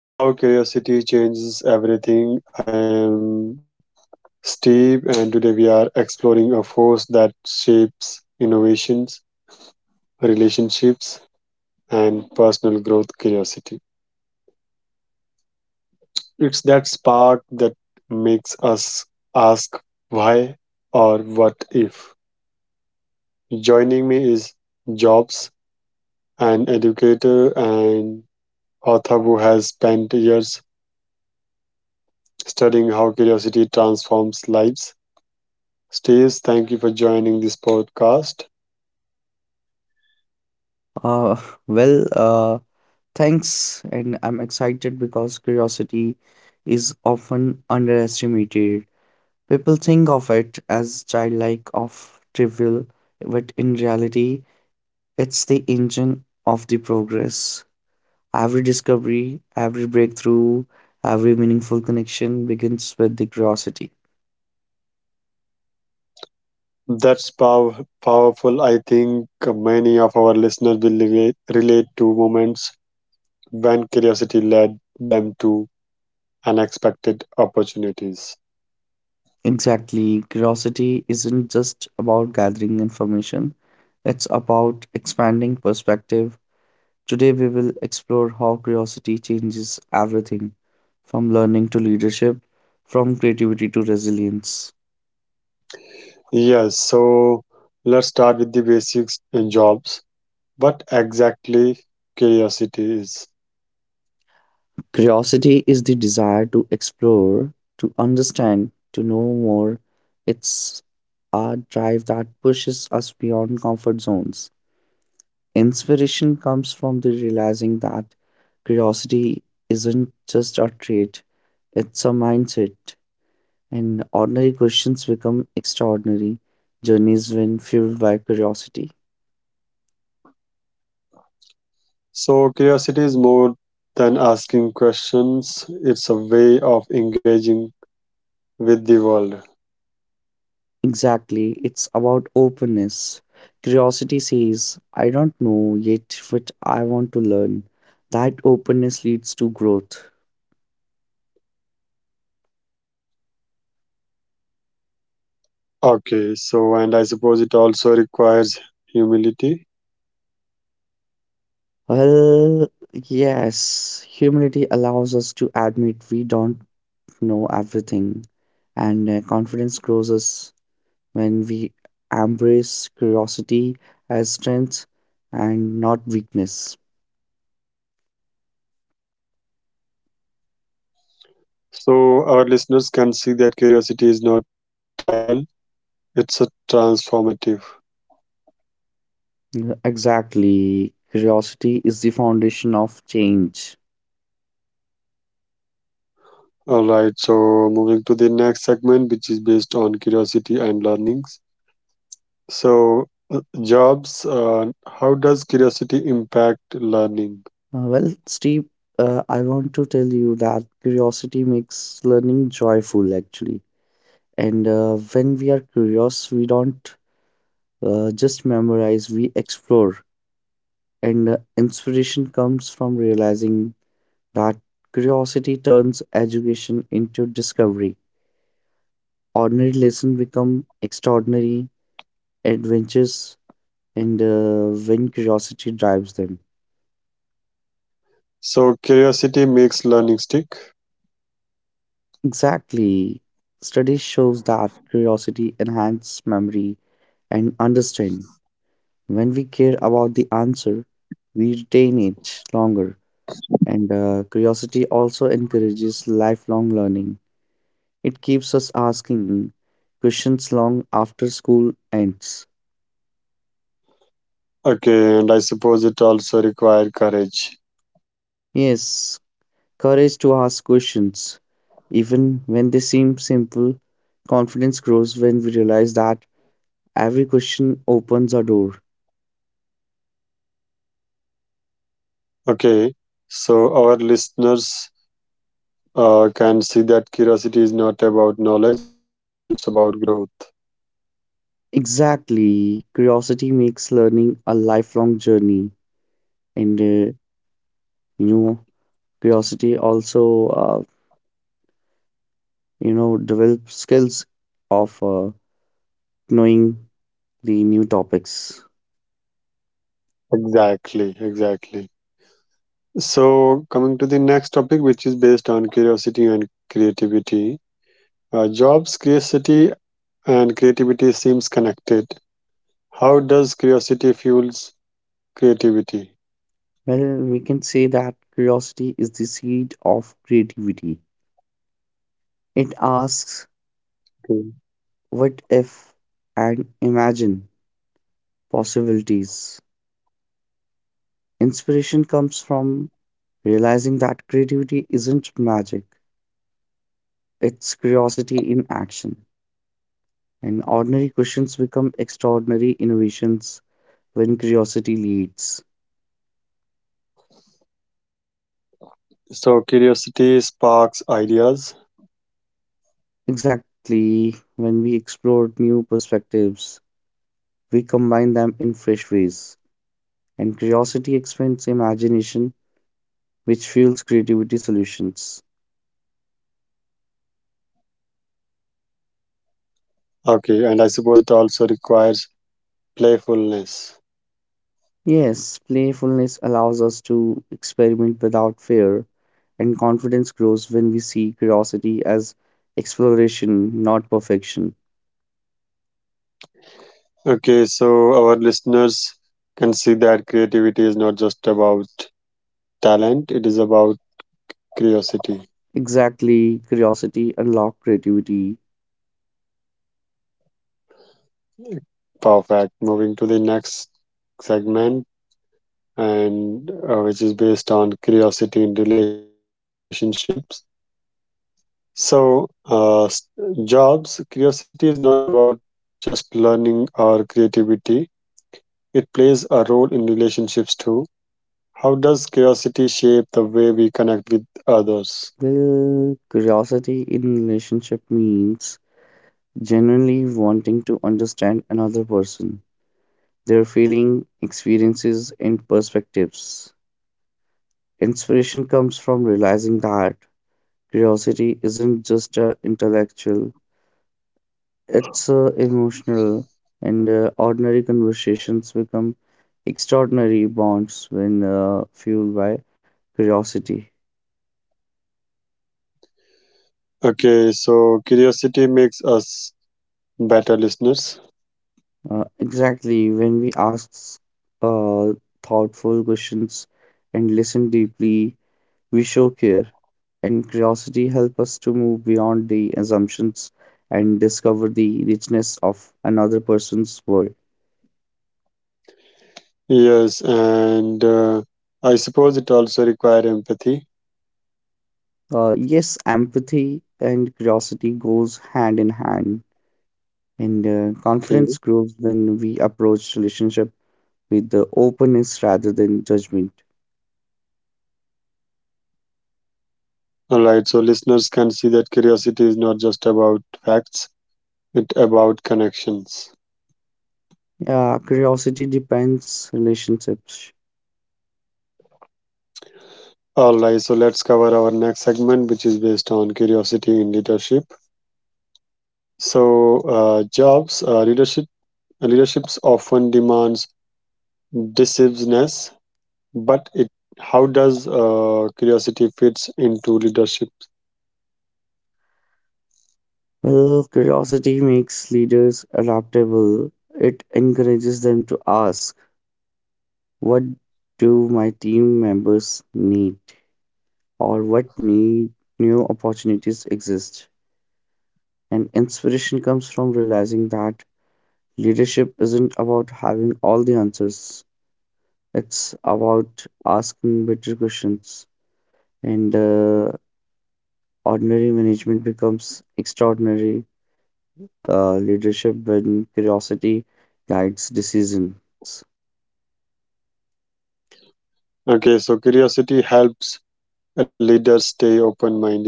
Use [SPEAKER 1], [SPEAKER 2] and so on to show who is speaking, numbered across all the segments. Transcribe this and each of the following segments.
[SPEAKER 1] Welcome to How Curiosity Changes Everything. I am Steve, and today we are exploring a force that shapes innovations, relationships, and personal growth curiosity. It's that spark that makes us ask why or what if. Joining me is Jobs, an educator and author who has spent years studying how curiosity transforms lives. Steve, thank you for joining this podcast.
[SPEAKER 2] Uh, well, uh, thanks, and I'm excited because curiosity is often underestimated. People think of it as childlike, of trivial, but in reality, it's the engine of the progress. Every discovery, every breakthrough, every meaningful connection begins with the curiosity.
[SPEAKER 1] That's powerful. I think many of our listeners will relate to moments when curiosity led them to unexpected opportunities.
[SPEAKER 2] Exactly, curiosity isn't just about gathering information, it's about expanding perspective. Today, we will explore how curiosity changes everything, from learning to leadership, from creativity to resilience.
[SPEAKER 1] Yes, so let's start with the basics in jobs. What exactly curiosity is?
[SPEAKER 2] Curiosity is the desire to explore, to understand, to know more. It's a drive that pushes us beyond comfort zones. Inspiration comes from the realizing that curiosity isn't just a trait, it's a mindset, and ordinary questions become extraordinary journeys when fueled by curiosity.
[SPEAKER 1] So, curiosity is more than asking questions, it's a way of engaging with the world.
[SPEAKER 2] Exactly, it's about openness. Curiosity says, I don't know yet, but I want to learn. That openness leads to growth.
[SPEAKER 1] Okay, so and I suppose it also requires humility.
[SPEAKER 2] Well, yes, humility allows us to admit we don't know everything, and confidence grows us when we embrace curiosity as strength and not weakness.
[SPEAKER 1] So our listeners can see that curiosity is not tribal, it's a transformative.
[SPEAKER 2] Yeah, exactly. Curiosity is the foundation of change.
[SPEAKER 1] All right, so moving to the next segment, which is based on curiosity and learnings. So, jobs, how does curiosity impact learning?
[SPEAKER 2] Steve, I want to tell you that curiosity makes learning joyful, actually. And When we are curious, we don't just memorize, we explore. And Inspiration comes from realizing that curiosity turns education into discovery. Ordinary lessons become extraordinary adventures, and when curiosity drives them.
[SPEAKER 1] So, curiosity makes learning stick.
[SPEAKER 2] Exactly. Study shows that curiosity enhances memory and understanding. When we care about the answer, we retain it longer. And Curiosity also encourages lifelong learning. It keeps us asking questions long after school ends.
[SPEAKER 1] Okay, and I suppose it also requires courage.
[SPEAKER 2] Yes, courage to ask questions, even when they seem simple. Confidence grows when we realize that every question opens a door.
[SPEAKER 1] Okay, so our listeners can see that curiosity is not about knowledge, it's about growth.
[SPEAKER 2] Exactly. Curiosity makes learning a lifelong journey. And, uh, you know, Curiosity also, develop skills of knowing the new topics.
[SPEAKER 1] Exactly, exactly. So, coming to the next topic, which is based on curiosity and creativity. Jobs, curiosity, and creativity seems connected. How does curiosity fuels creativity?
[SPEAKER 2] Well, we can say that curiosity is the seed of creativity. It asks
[SPEAKER 1] Okay.
[SPEAKER 2] what if and imagine possibilities. Inspiration comes from realizing that creativity isn't magic, it's curiosity in action, and ordinary questions become extraordinary innovations when curiosity leads.
[SPEAKER 1] So, curiosity sparks ideas.
[SPEAKER 2] Exactly, when we explore new perspectives, we combine them in fresh ways, and curiosity expands imagination, which fuels creativity solutions.
[SPEAKER 1] Okay, and I suppose it also requires playfulness.
[SPEAKER 2] Yes, playfulness allows us to experiment without fear, and confidence grows when we see curiosity as exploration, not perfection.
[SPEAKER 1] Okay, so our listeners can see that creativity is not just about talent, it is about curiosity.
[SPEAKER 2] Exactly, curiosity unlocks creativity.
[SPEAKER 1] Perfect. Moving to the next segment, and which is based on curiosity in relationships. So, jobs, curiosity is not about just learning or creativity, it plays a role in relationships too. How does curiosity shape the way we connect with others?
[SPEAKER 2] Well, curiosity in relationship means genuinely wanting to understand another person, their feeling, experiences, and perspectives. Inspiration comes from realizing that curiosity isn't just intellectual; it's emotional, and ordinary conversations become extraordinary bonds when fueled by curiosity.
[SPEAKER 1] Okay, so curiosity makes us better listeners.
[SPEAKER 2] Exactly. When we ask uh, thoughtful questions and listen deeply, we show care, and curiosity help us to move beyond the assumptions and discover the richness of another person's world.
[SPEAKER 1] Yes, and I suppose it also require empathy.
[SPEAKER 2] Yes, empathy and curiosity goes hand in hand, and confidence
[SPEAKER 1] Okay,
[SPEAKER 2] grows when we approach relationship with the openness rather than judgment.
[SPEAKER 1] all right. So listeners can see that curiosity is not just about facts; it about connections.
[SPEAKER 2] Yeah, curiosity depends relationships.
[SPEAKER 1] All right. So let's cover our next segment, which is based on curiosity in leadership. So jobs, leaderships often demands decisiveness, but it how does curiosity fits into leadership?
[SPEAKER 2] Well, curiosity makes leaders adaptable. It encourages them to ask, what do my team members need? Or what need new opportunities exist? And inspiration comes from realizing that leadership isn't about having all the answers. It's about asking better questions. And Ordinary management becomes extraordinary leadership when curiosity guides decisions.
[SPEAKER 1] Okay, so curiosity helps a leader stay open minded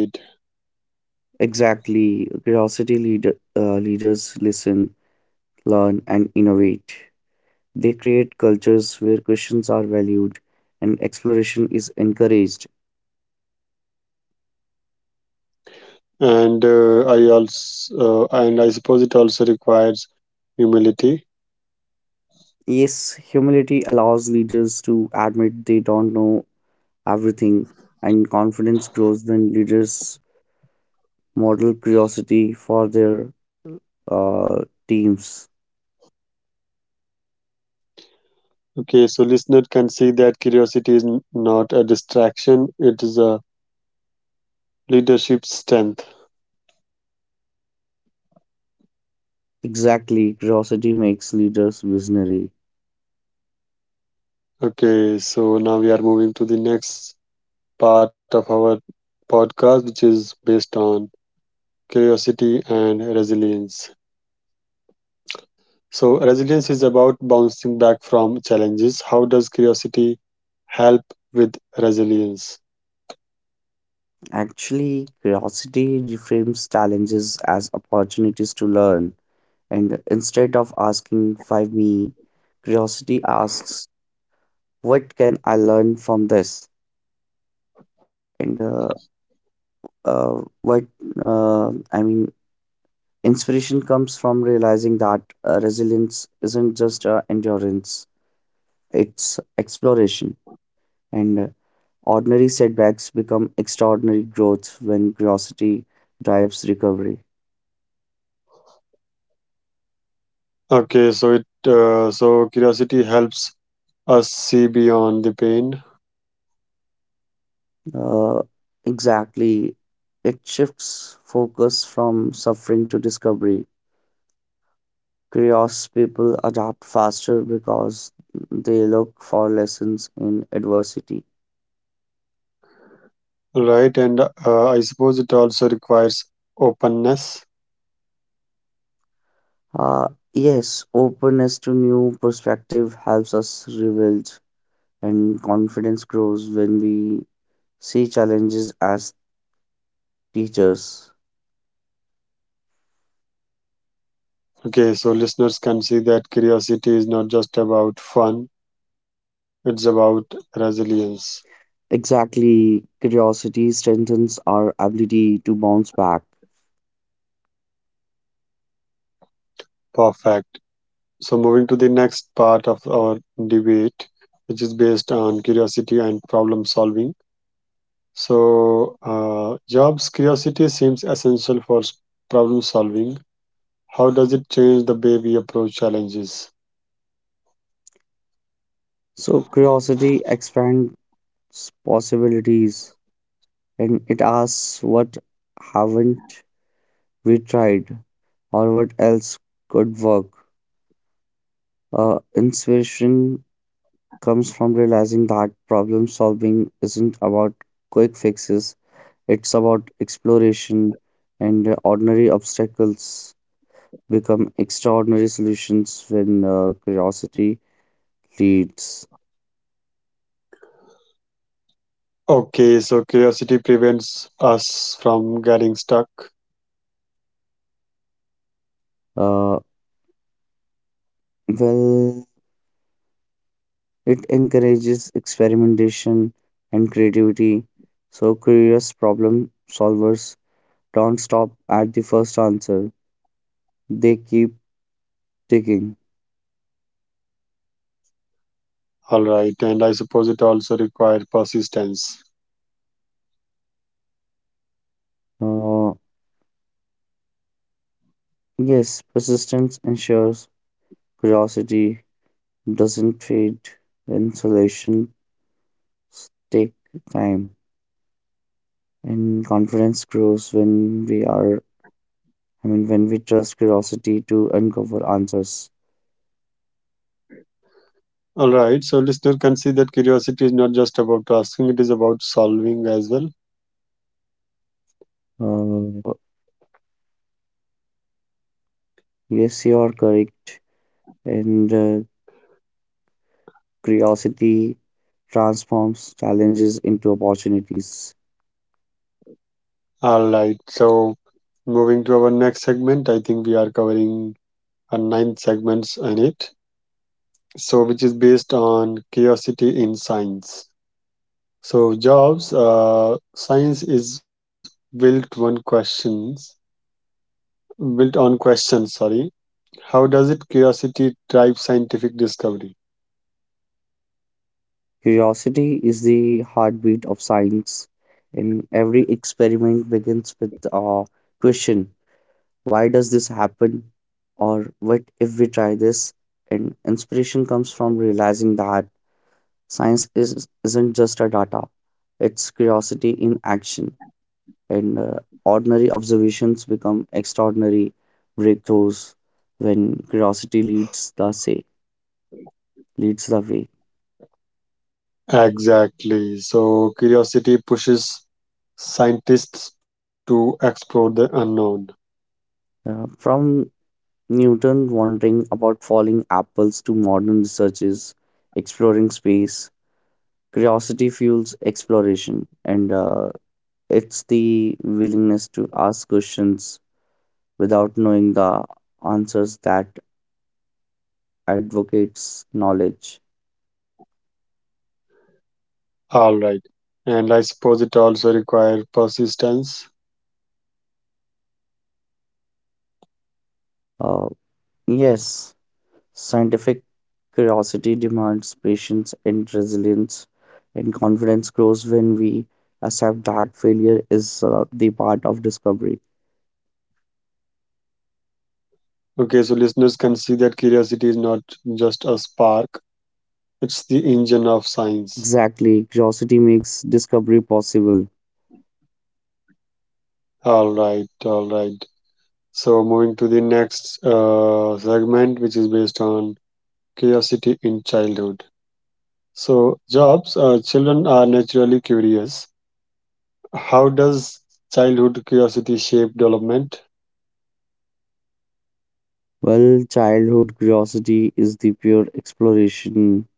[SPEAKER 2] Exactly. Leaders listen, learn, and innovate. They create cultures where questions are valued and exploration is encouraged.
[SPEAKER 1] and I suppose it also requires humility.
[SPEAKER 2] Yes, humility allows leaders to admit they don't know everything, and confidence grows when leaders model curiosity for their teams.
[SPEAKER 1] Okay, so listener can see that curiosity is not a distraction, it is a leadership strength.
[SPEAKER 2] Exactly. Curiosity makes leaders visionary.
[SPEAKER 1] Okay, so now we are moving to the next part of our podcast, which is based on curiosity and resilience. So resilience is about bouncing back from challenges. How does curiosity help with resilience?
[SPEAKER 2] Actually, curiosity reframes challenges as opportunities to learn, and instead of asking, why me? Curiosity asks, what can I learn from this? And what I mean, Inspiration comes from realizing that resilience isn't just endurance, it's exploration. And Ordinary setbacks become extraordinary growth when curiosity drives recovery.
[SPEAKER 1] Okay, so it so curiosity helps us see beyond the pain,
[SPEAKER 2] Uh, exactly. It shifts focus from suffering to discovery. Curious people adapt faster because they look for lessons in adversity.
[SPEAKER 1] right? And I suppose it also requires openness.
[SPEAKER 2] Uh, yes, openness to new perspective helps us rebuild, and confidence grows when we see challenges as teachers.
[SPEAKER 1] Okay, so listeners can see that curiosity is not just about fun; it's about resilience.
[SPEAKER 2] Exactly, curiosity strengthens our ability to bounce back.
[SPEAKER 1] Perfect. So moving to the next part of our debate, which is based on curiosity and problem solving. So, Jobs' curiosity seems essential for problem solving. How does it change the way we approach challenges?
[SPEAKER 2] So, curiosity expands possibilities, and it asks what haven't we tried or what else could work. Inspiration comes from realizing that problem solving isn't about quick fixes, it's about exploration, and ordinary obstacles become extraordinary solutions when curiosity leads.
[SPEAKER 1] Okay, so curiosity prevents us from getting stuck.
[SPEAKER 2] Uh, well, It encourages experimentation and creativity, so curious problem solvers don't stop at the first answer. They keep digging.
[SPEAKER 1] All right, and I suppose it also requires persistence.
[SPEAKER 2] Uh, yes, persistence ensures curiosity doesn't fade when solutions take time, and confidence grows when we are. I mean, when we trust curiosity to uncover answers.
[SPEAKER 1] All right, so listener can see that curiosity is not just about asking, it is about solving as well.
[SPEAKER 2] Uh, yes, you are correct, and curiosity transforms challenges into opportunities.
[SPEAKER 1] All right, so moving to our next segment, I think we are covering 9 segments in it. So, which is based on curiosity in science. So jobs, science is built on questions. Sorry, how does it curiosity drive scientific discovery?
[SPEAKER 2] Curiosity is the heartbeat of science, and every experiment begins with a question: why does this happen? Or what if we try this? And inspiration comes from realizing that isn't just a data, it's curiosity in action. And Ordinary observations become extraordinary breakthroughs when curiosity leads the say. Leads the way.
[SPEAKER 1] Exactly. So curiosity pushes scientists to explore the unknown.
[SPEAKER 2] From Newton wondering about falling apples to modern researches exploring space, curiosity fuels exploration, and it's the willingness to ask questions without knowing the answers that advocates knowledge.
[SPEAKER 1] All right, and I suppose it also requires persistence.
[SPEAKER 2] Uh, yes, scientific curiosity demands patience and resilience, and confidence grows when we accept that failure is the part of discovery.
[SPEAKER 1] Okay, so listeners can see that curiosity is not just a spark; it's the engine of science.
[SPEAKER 2] Exactly, curiosity makes discovery possible.
[SPEAKER 1] All right, all right. So, moving to the next segment, which is based on curiosity in childhood. So, jobs, children are naturally curious. How does childhood curiosity shape development?
[SPEAKER 2] Well, childhood curiosity is the pure exploration,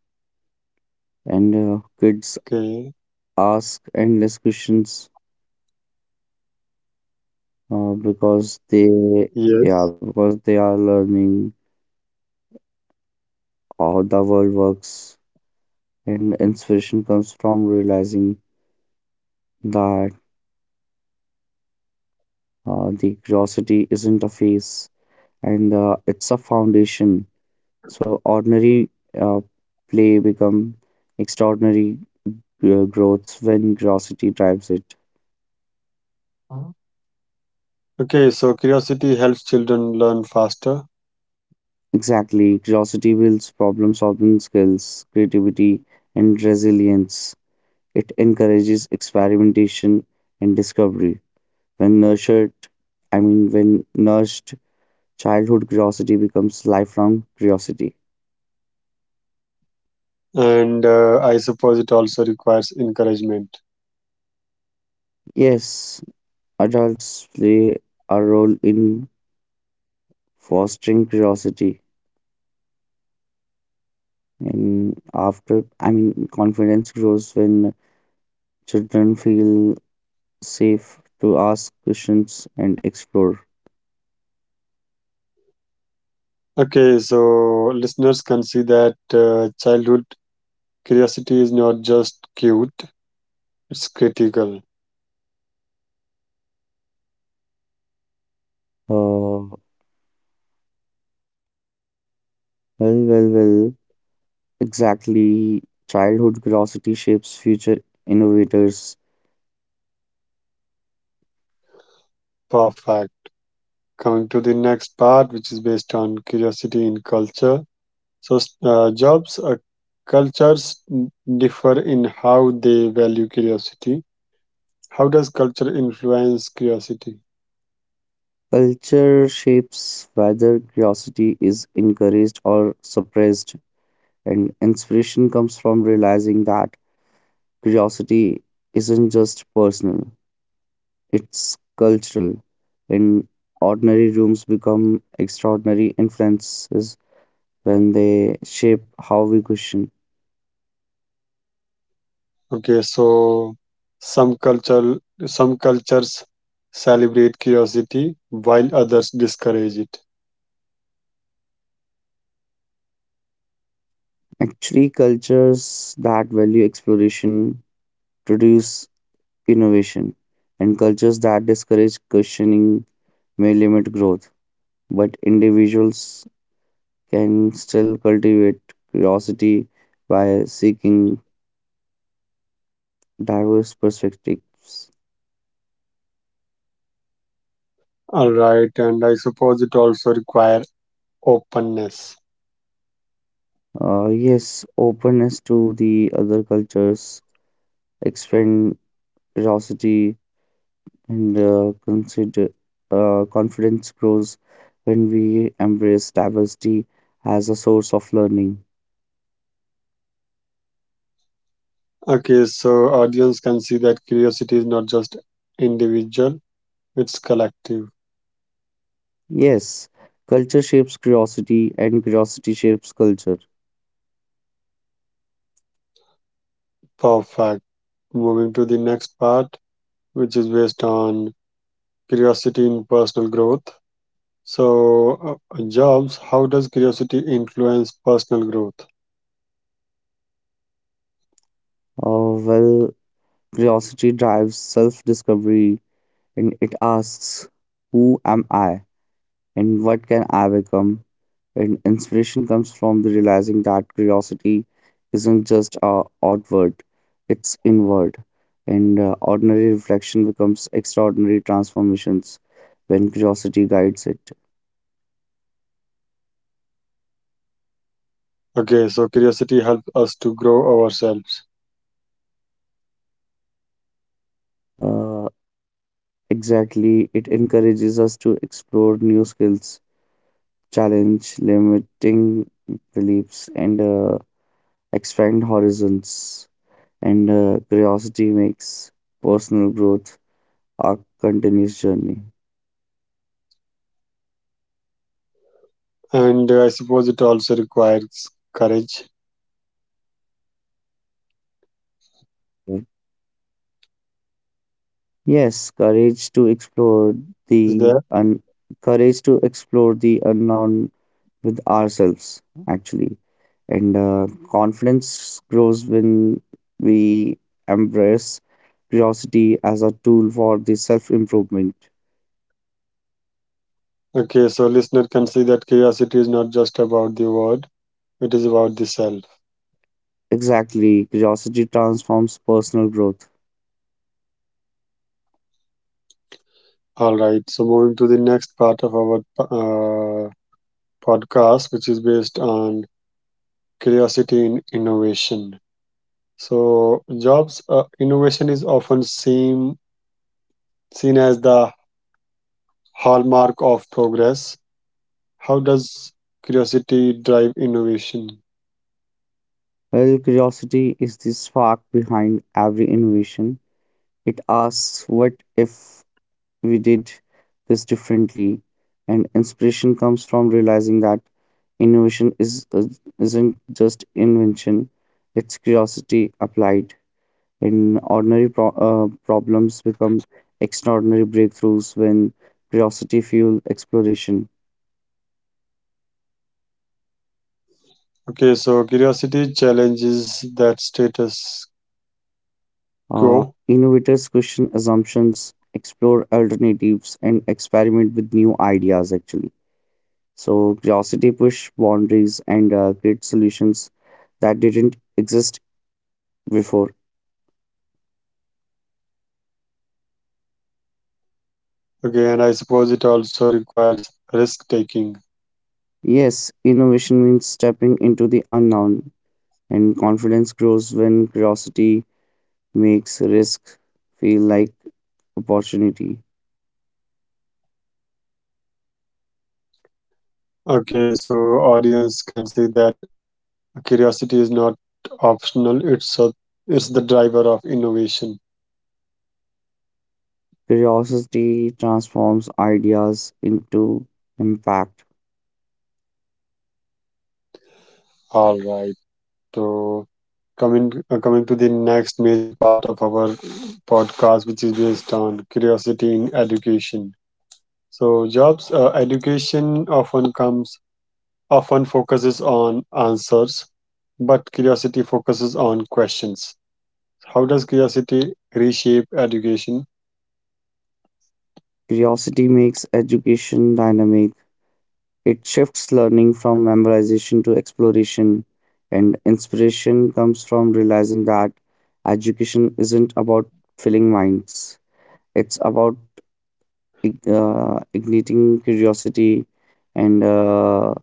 [SPEAKER 2] and kids
[SPEAKER 1] Okay,
[SPEAKER 2] ask endless questions uh, because they,
[SPEAKER 1] yes.
[SPEAKER 2] yeah, because they are learning how the world works, and inspiration comes from realizing that the curiosity isn't a phase, and it's a foundation, so ordinary uh, play become extraordinary growths when curiosity drives it.
[SPEAKER 1] Okay, so curiosity helps children learn faster.
[SPEAKER 2] Exactly, curiosity builds problem solving skills, creativity, and resilience. It encourages experimentation and discovery when nurtured I mean when nourished, childhood curiosity becomes lifelong curiosity.
[SPEAKER 1] And I suppose it also requires encouragement.
[SPEAKER 2] Yes, adults play a role in fostering curiosity, and after I mean confidence grows when children feel safe to ask questions and explore.
[SPEAKER 1] Okay, so listeners can see that childhood curiosity is not just cute, it's critical.
[SPEAKER 2] Uh, well, well, well. Exactly. Childhood curiosity shapes future innovators.
[SPEAKER 1] Perfect. Coming to the next part, which is based on curiosity in culture. So, jobs, cultures differ in how they value curiosity. How does culture influence curiosity?
[SPEAKER 2] Culture shapes whether curiosity is encouraged or suppressed, and inspiration comes from realizing that curiosity isn't just personal, it's cultural. In ordinary rooms become extraordinary influences when they shape how we question.
[SPEAKER 1] Okay, so some culture, some cultures celebrate curiosity while others discourage it.
[SPEAKER 2] Actually, cultures that value exploration produce innovation, and cultures that discourage questioning may limit growth. But individuals can still cultivate curiosity by seeking diverse perspectives.
[SPEAKER 1] All right, and I suppose it also require openness.
[SPEAKER 2] Yes, openness to the other cultures, expand curiosity, and consider confidence grows when we embrace diversity as a source of learning.
[SPEAKER 1] Okay, so audience can see that curiosity is not just individual, it's collective.
[SPEAKER 2] Yes, culture shapes curiosity, and curiosity shapes culture.
[SPEAKER 1] Perfect. Moving to the next part, which is based on curiosity in personal growth. So, Jobs, how does curiosity influence personal growth?
[SPEAKER 2] Uh, well, Curiosity drives self-discovery, and it asks, "Who am I, and what can I become?" And inspiration comes from the realizing that curiosity isn't just outward, it's inward, and ordinary reflection becomes extraordinary transformations when curiosity guides it.
[SPEAKER 1] Okay, so curiosity helps us to grow ourselves.
[SPEAKER 2] uh, exactly, it encourages us to explore new skills, challenge limiting beliefs, and expand horizons, and curiosity makes personal growth a continuous journey.
[SPEAKER 1] And I suppose it also requires courage.
[SPEAKER 2] Yes, courage to
[SPEAKER 1] Is there?
[SPEAKER 2] explore the courage to explore the unknown with ourselves, actually. And Confidence grows when we embrace curiosity as a tool for the self-improvement.
[SPEAKER 1] Okay, so listener can see that curiosity is not just about the word, it is about the self.
[SPEAKER 2] Exactly, curiosity transforms personal growth.
[SPEAKER 1] All right, so moving to the next part of our podcast, which is based on curiosity in innovation. So, jobs innovation is often seen as the hallmark of progress. How does curiosity drive innovation?
[SPEAKER 2] Well, curiosity is the spark behind every innovation. It asks what if we did this differently, and inspiration comes from realizing that innovation is isn't just invention, it's curiosity applied in ordinary problems become extraordinary breakthroughs when curiosity fuels exploration.
[SPEAKER 1] Okay, so curiosity challenges that status quo.
[SPEAKER 2] Innovators question assumptions, explore alternatives, and experiment with new ideas, actually. So curiosity push boundaries, and create solutions that didn't exist before.
[SPEAKER 1] Okay, and I suppose it also requires risk taking.
[SPEAKER 2] Yes, innovation means stepping into the unknown, and confidence grows when curiosity makes risk feel like opportunity.
[SPEAKER 1] Okay, so audience can see that curiosity is not optional; it's the driver of innovation.
[SPEAKER 2] Curiosity transforms ideas into impact.
[SPEAKER 1] All right. So coming to the next major part of our podcast, which is based on curiosity in education. So jobs education often focuses on answers, but curiosity focuses on questions. How does curiosity reshape education?
[SPEAKER 2] Curiosity makes education dynamic. It shifts learning from memorization to exploration, and inspiration comes from realizing that education isn't about filling minds, it's about igniting curiosity, and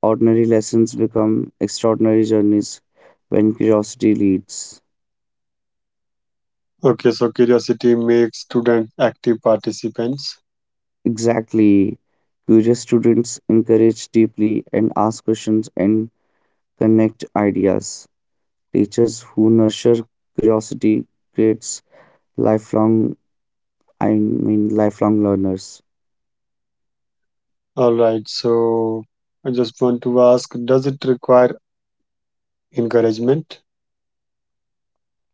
[SPEAKER 2] ordinary lessons become extraordinary journeys when curiosity leads.
[SPEAKER 1] Okay, so curiosity makes students active participants.
[SPEAKER 2] Exactly. Curious students encourage deeply and ask questions and connect ideas. Teachers who nurture curiosity creates lifelong I mean lifelong learners.
[SPEAKER 1] All right. So I just want to ask, does it require encouragement?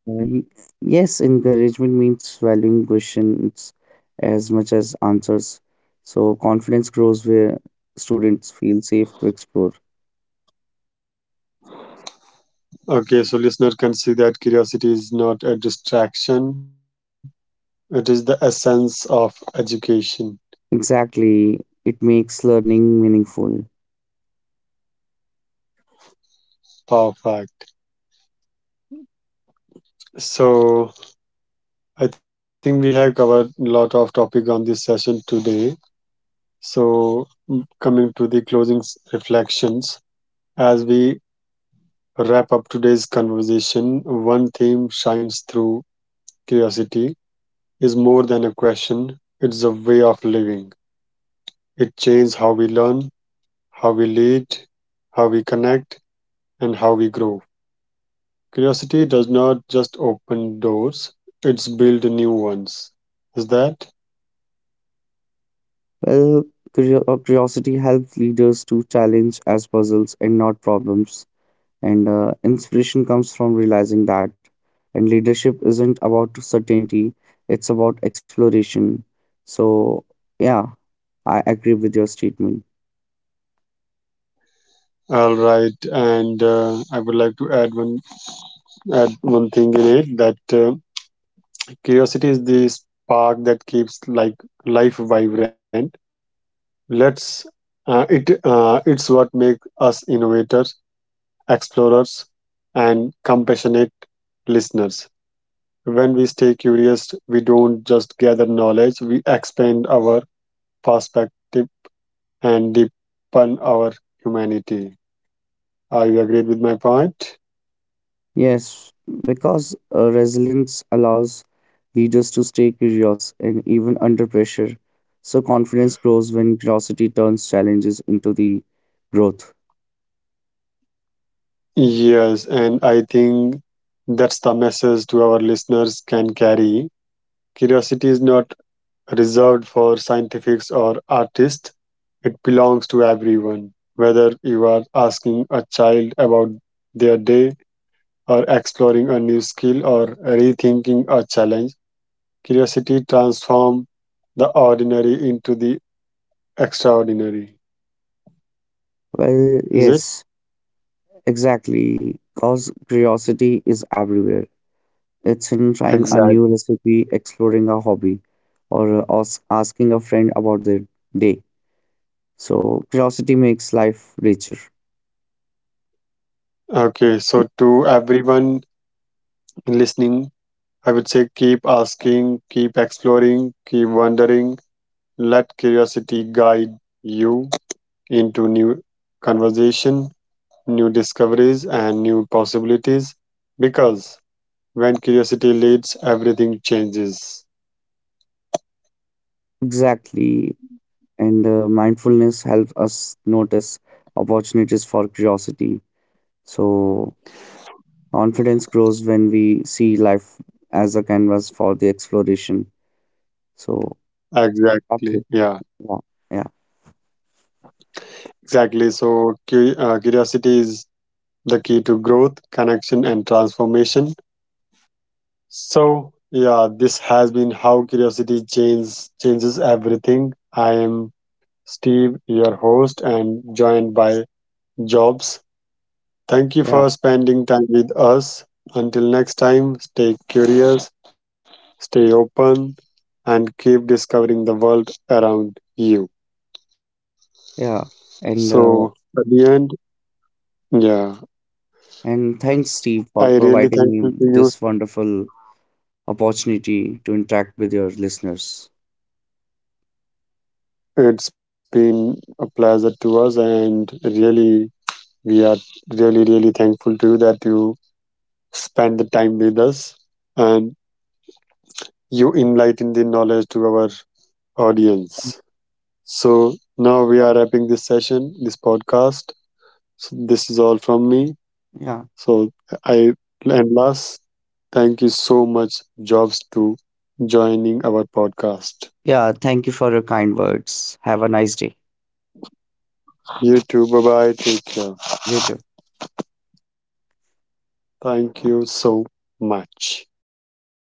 [SPEAKER 2] Y- Yes, encouragement means valuing questions as much as answers. So confidence grows where students feel safe to explore.
[SPEAKER 1] Okay, so listener can see that curiosity is not a distraction. It is the essence of education.
[SPEAKER 2] Exactly, it makes learning meaningful.
[SPEAKER 1] Perfect. So I think we have covered a lot of topic on this session today. So coming to the closing reflections, as we wrap up today's conversation, one theme shines through curiosity is more than a question. It's a way of living. It changes how we learn, how we lead, how we connect and how we grow. Curiosity does not just open doors, it's build new ones. Is that?
[SPEAKER 2] Well, curiosity helps leaders to challenge as puzzles and not problems. And Inspiration comes from realizing that. And leadership isn't about certainty, it's about exploration. So, yeah, I agree with your statement.
[SPEAKER 1] All right, and I would like to add one thing in it that curiosity is the spark that keeps like life vibrant. Let's it It's what makes us innovators, explorers, and compassionate listeners. When we stay curious, we don't just gather knowledge; we expand our perspective and deepen our humanity. Are you agreed with my point?
[SPEAKER 2] Yes, because resilience allows leaders to stay curious and even under pressure. So confidence grows when curiosity turns challenges into the growth.
[SPEAKER 1] Yes, and I think that's the message to our listeners can carry. Curiosity is not reserved for scientifics or artists, it belongs to everyone. Whether you are asking a child about their day, or exploring a new skill, or rethinking a challenge, curiosity transforms the ordinary into the extraordinary.
[SPEAKER 2] Well,
[SPEAKER 1] Is it?
[SPEAKER 2] yes, exactly. Because curiosity is everywhere. It's in trying a
[SPEAKER 1] Exact.
[SPEAKER 2] new recipe, exploring a hobby, or asking a friend about their day. So curiosity makes life richer.
[SPEAKER 1] Okay. So, to everyone listening, I would say keep asking, keep exploring, keep wondering. Let curiosity guide you into new conversation, new discoveries, and new possibilities. Because when curiosity leads, everything changes.
[SPEAKER 2] Exactly, and mindfulness helps us notice opportunities for curiosity. So, confidence grows when we see life as a canvas for the exploration. So, that's it.
[SPEAKER 1] Exactly. Yeah.
[SPEAKER 2] Yeah, yeah,
[SPEAKER 1] Exactly. So, curiosity is the key to growth, connection, and transformation. So, yeah, this has been How Curiosity Changes Everything. I am Steve, your host, and joined by Jobs. Thank you
[SPEAKER 2] yeah,
[SPEAKER 1] for spending time with us. Until next time, stay curious, stay open, and keep discovering the world around you.
[SPEAKER 2] yeah. And
[SPEAKER 1] So,
[SPEAKER 2] uh,
[SPEAKER 1] at the end, yeah,
[SPEAKER 2] and thanks, Steve, for
[SPEAKER 1] I really
[SPEAKER 2] providing me
[SPEAKER 1] thankful to you.
[SPEAKER 2] this wonderful opportunity to interact with your listeners.
[SPEAKER 1] It's been a pleasure to us, and really, we are really thankful to you that you spend the time with us and you enlighten the knowledge to our audience. So now we are wrapping this session, this podcast. So this is all from me.
[SPEAKER 2] Yeah,
[SPEAKER 1] So I and last, thank you so much, Jobs, to joining our podcast.
[SPEAKER 2] yeah. Thank you for your kind words. Have a nice day.
[SPEAKER 1] You too. Bye bye. Take care.
[SPEAKER 2] You too.
[SPEAKER 1] Thank you so much.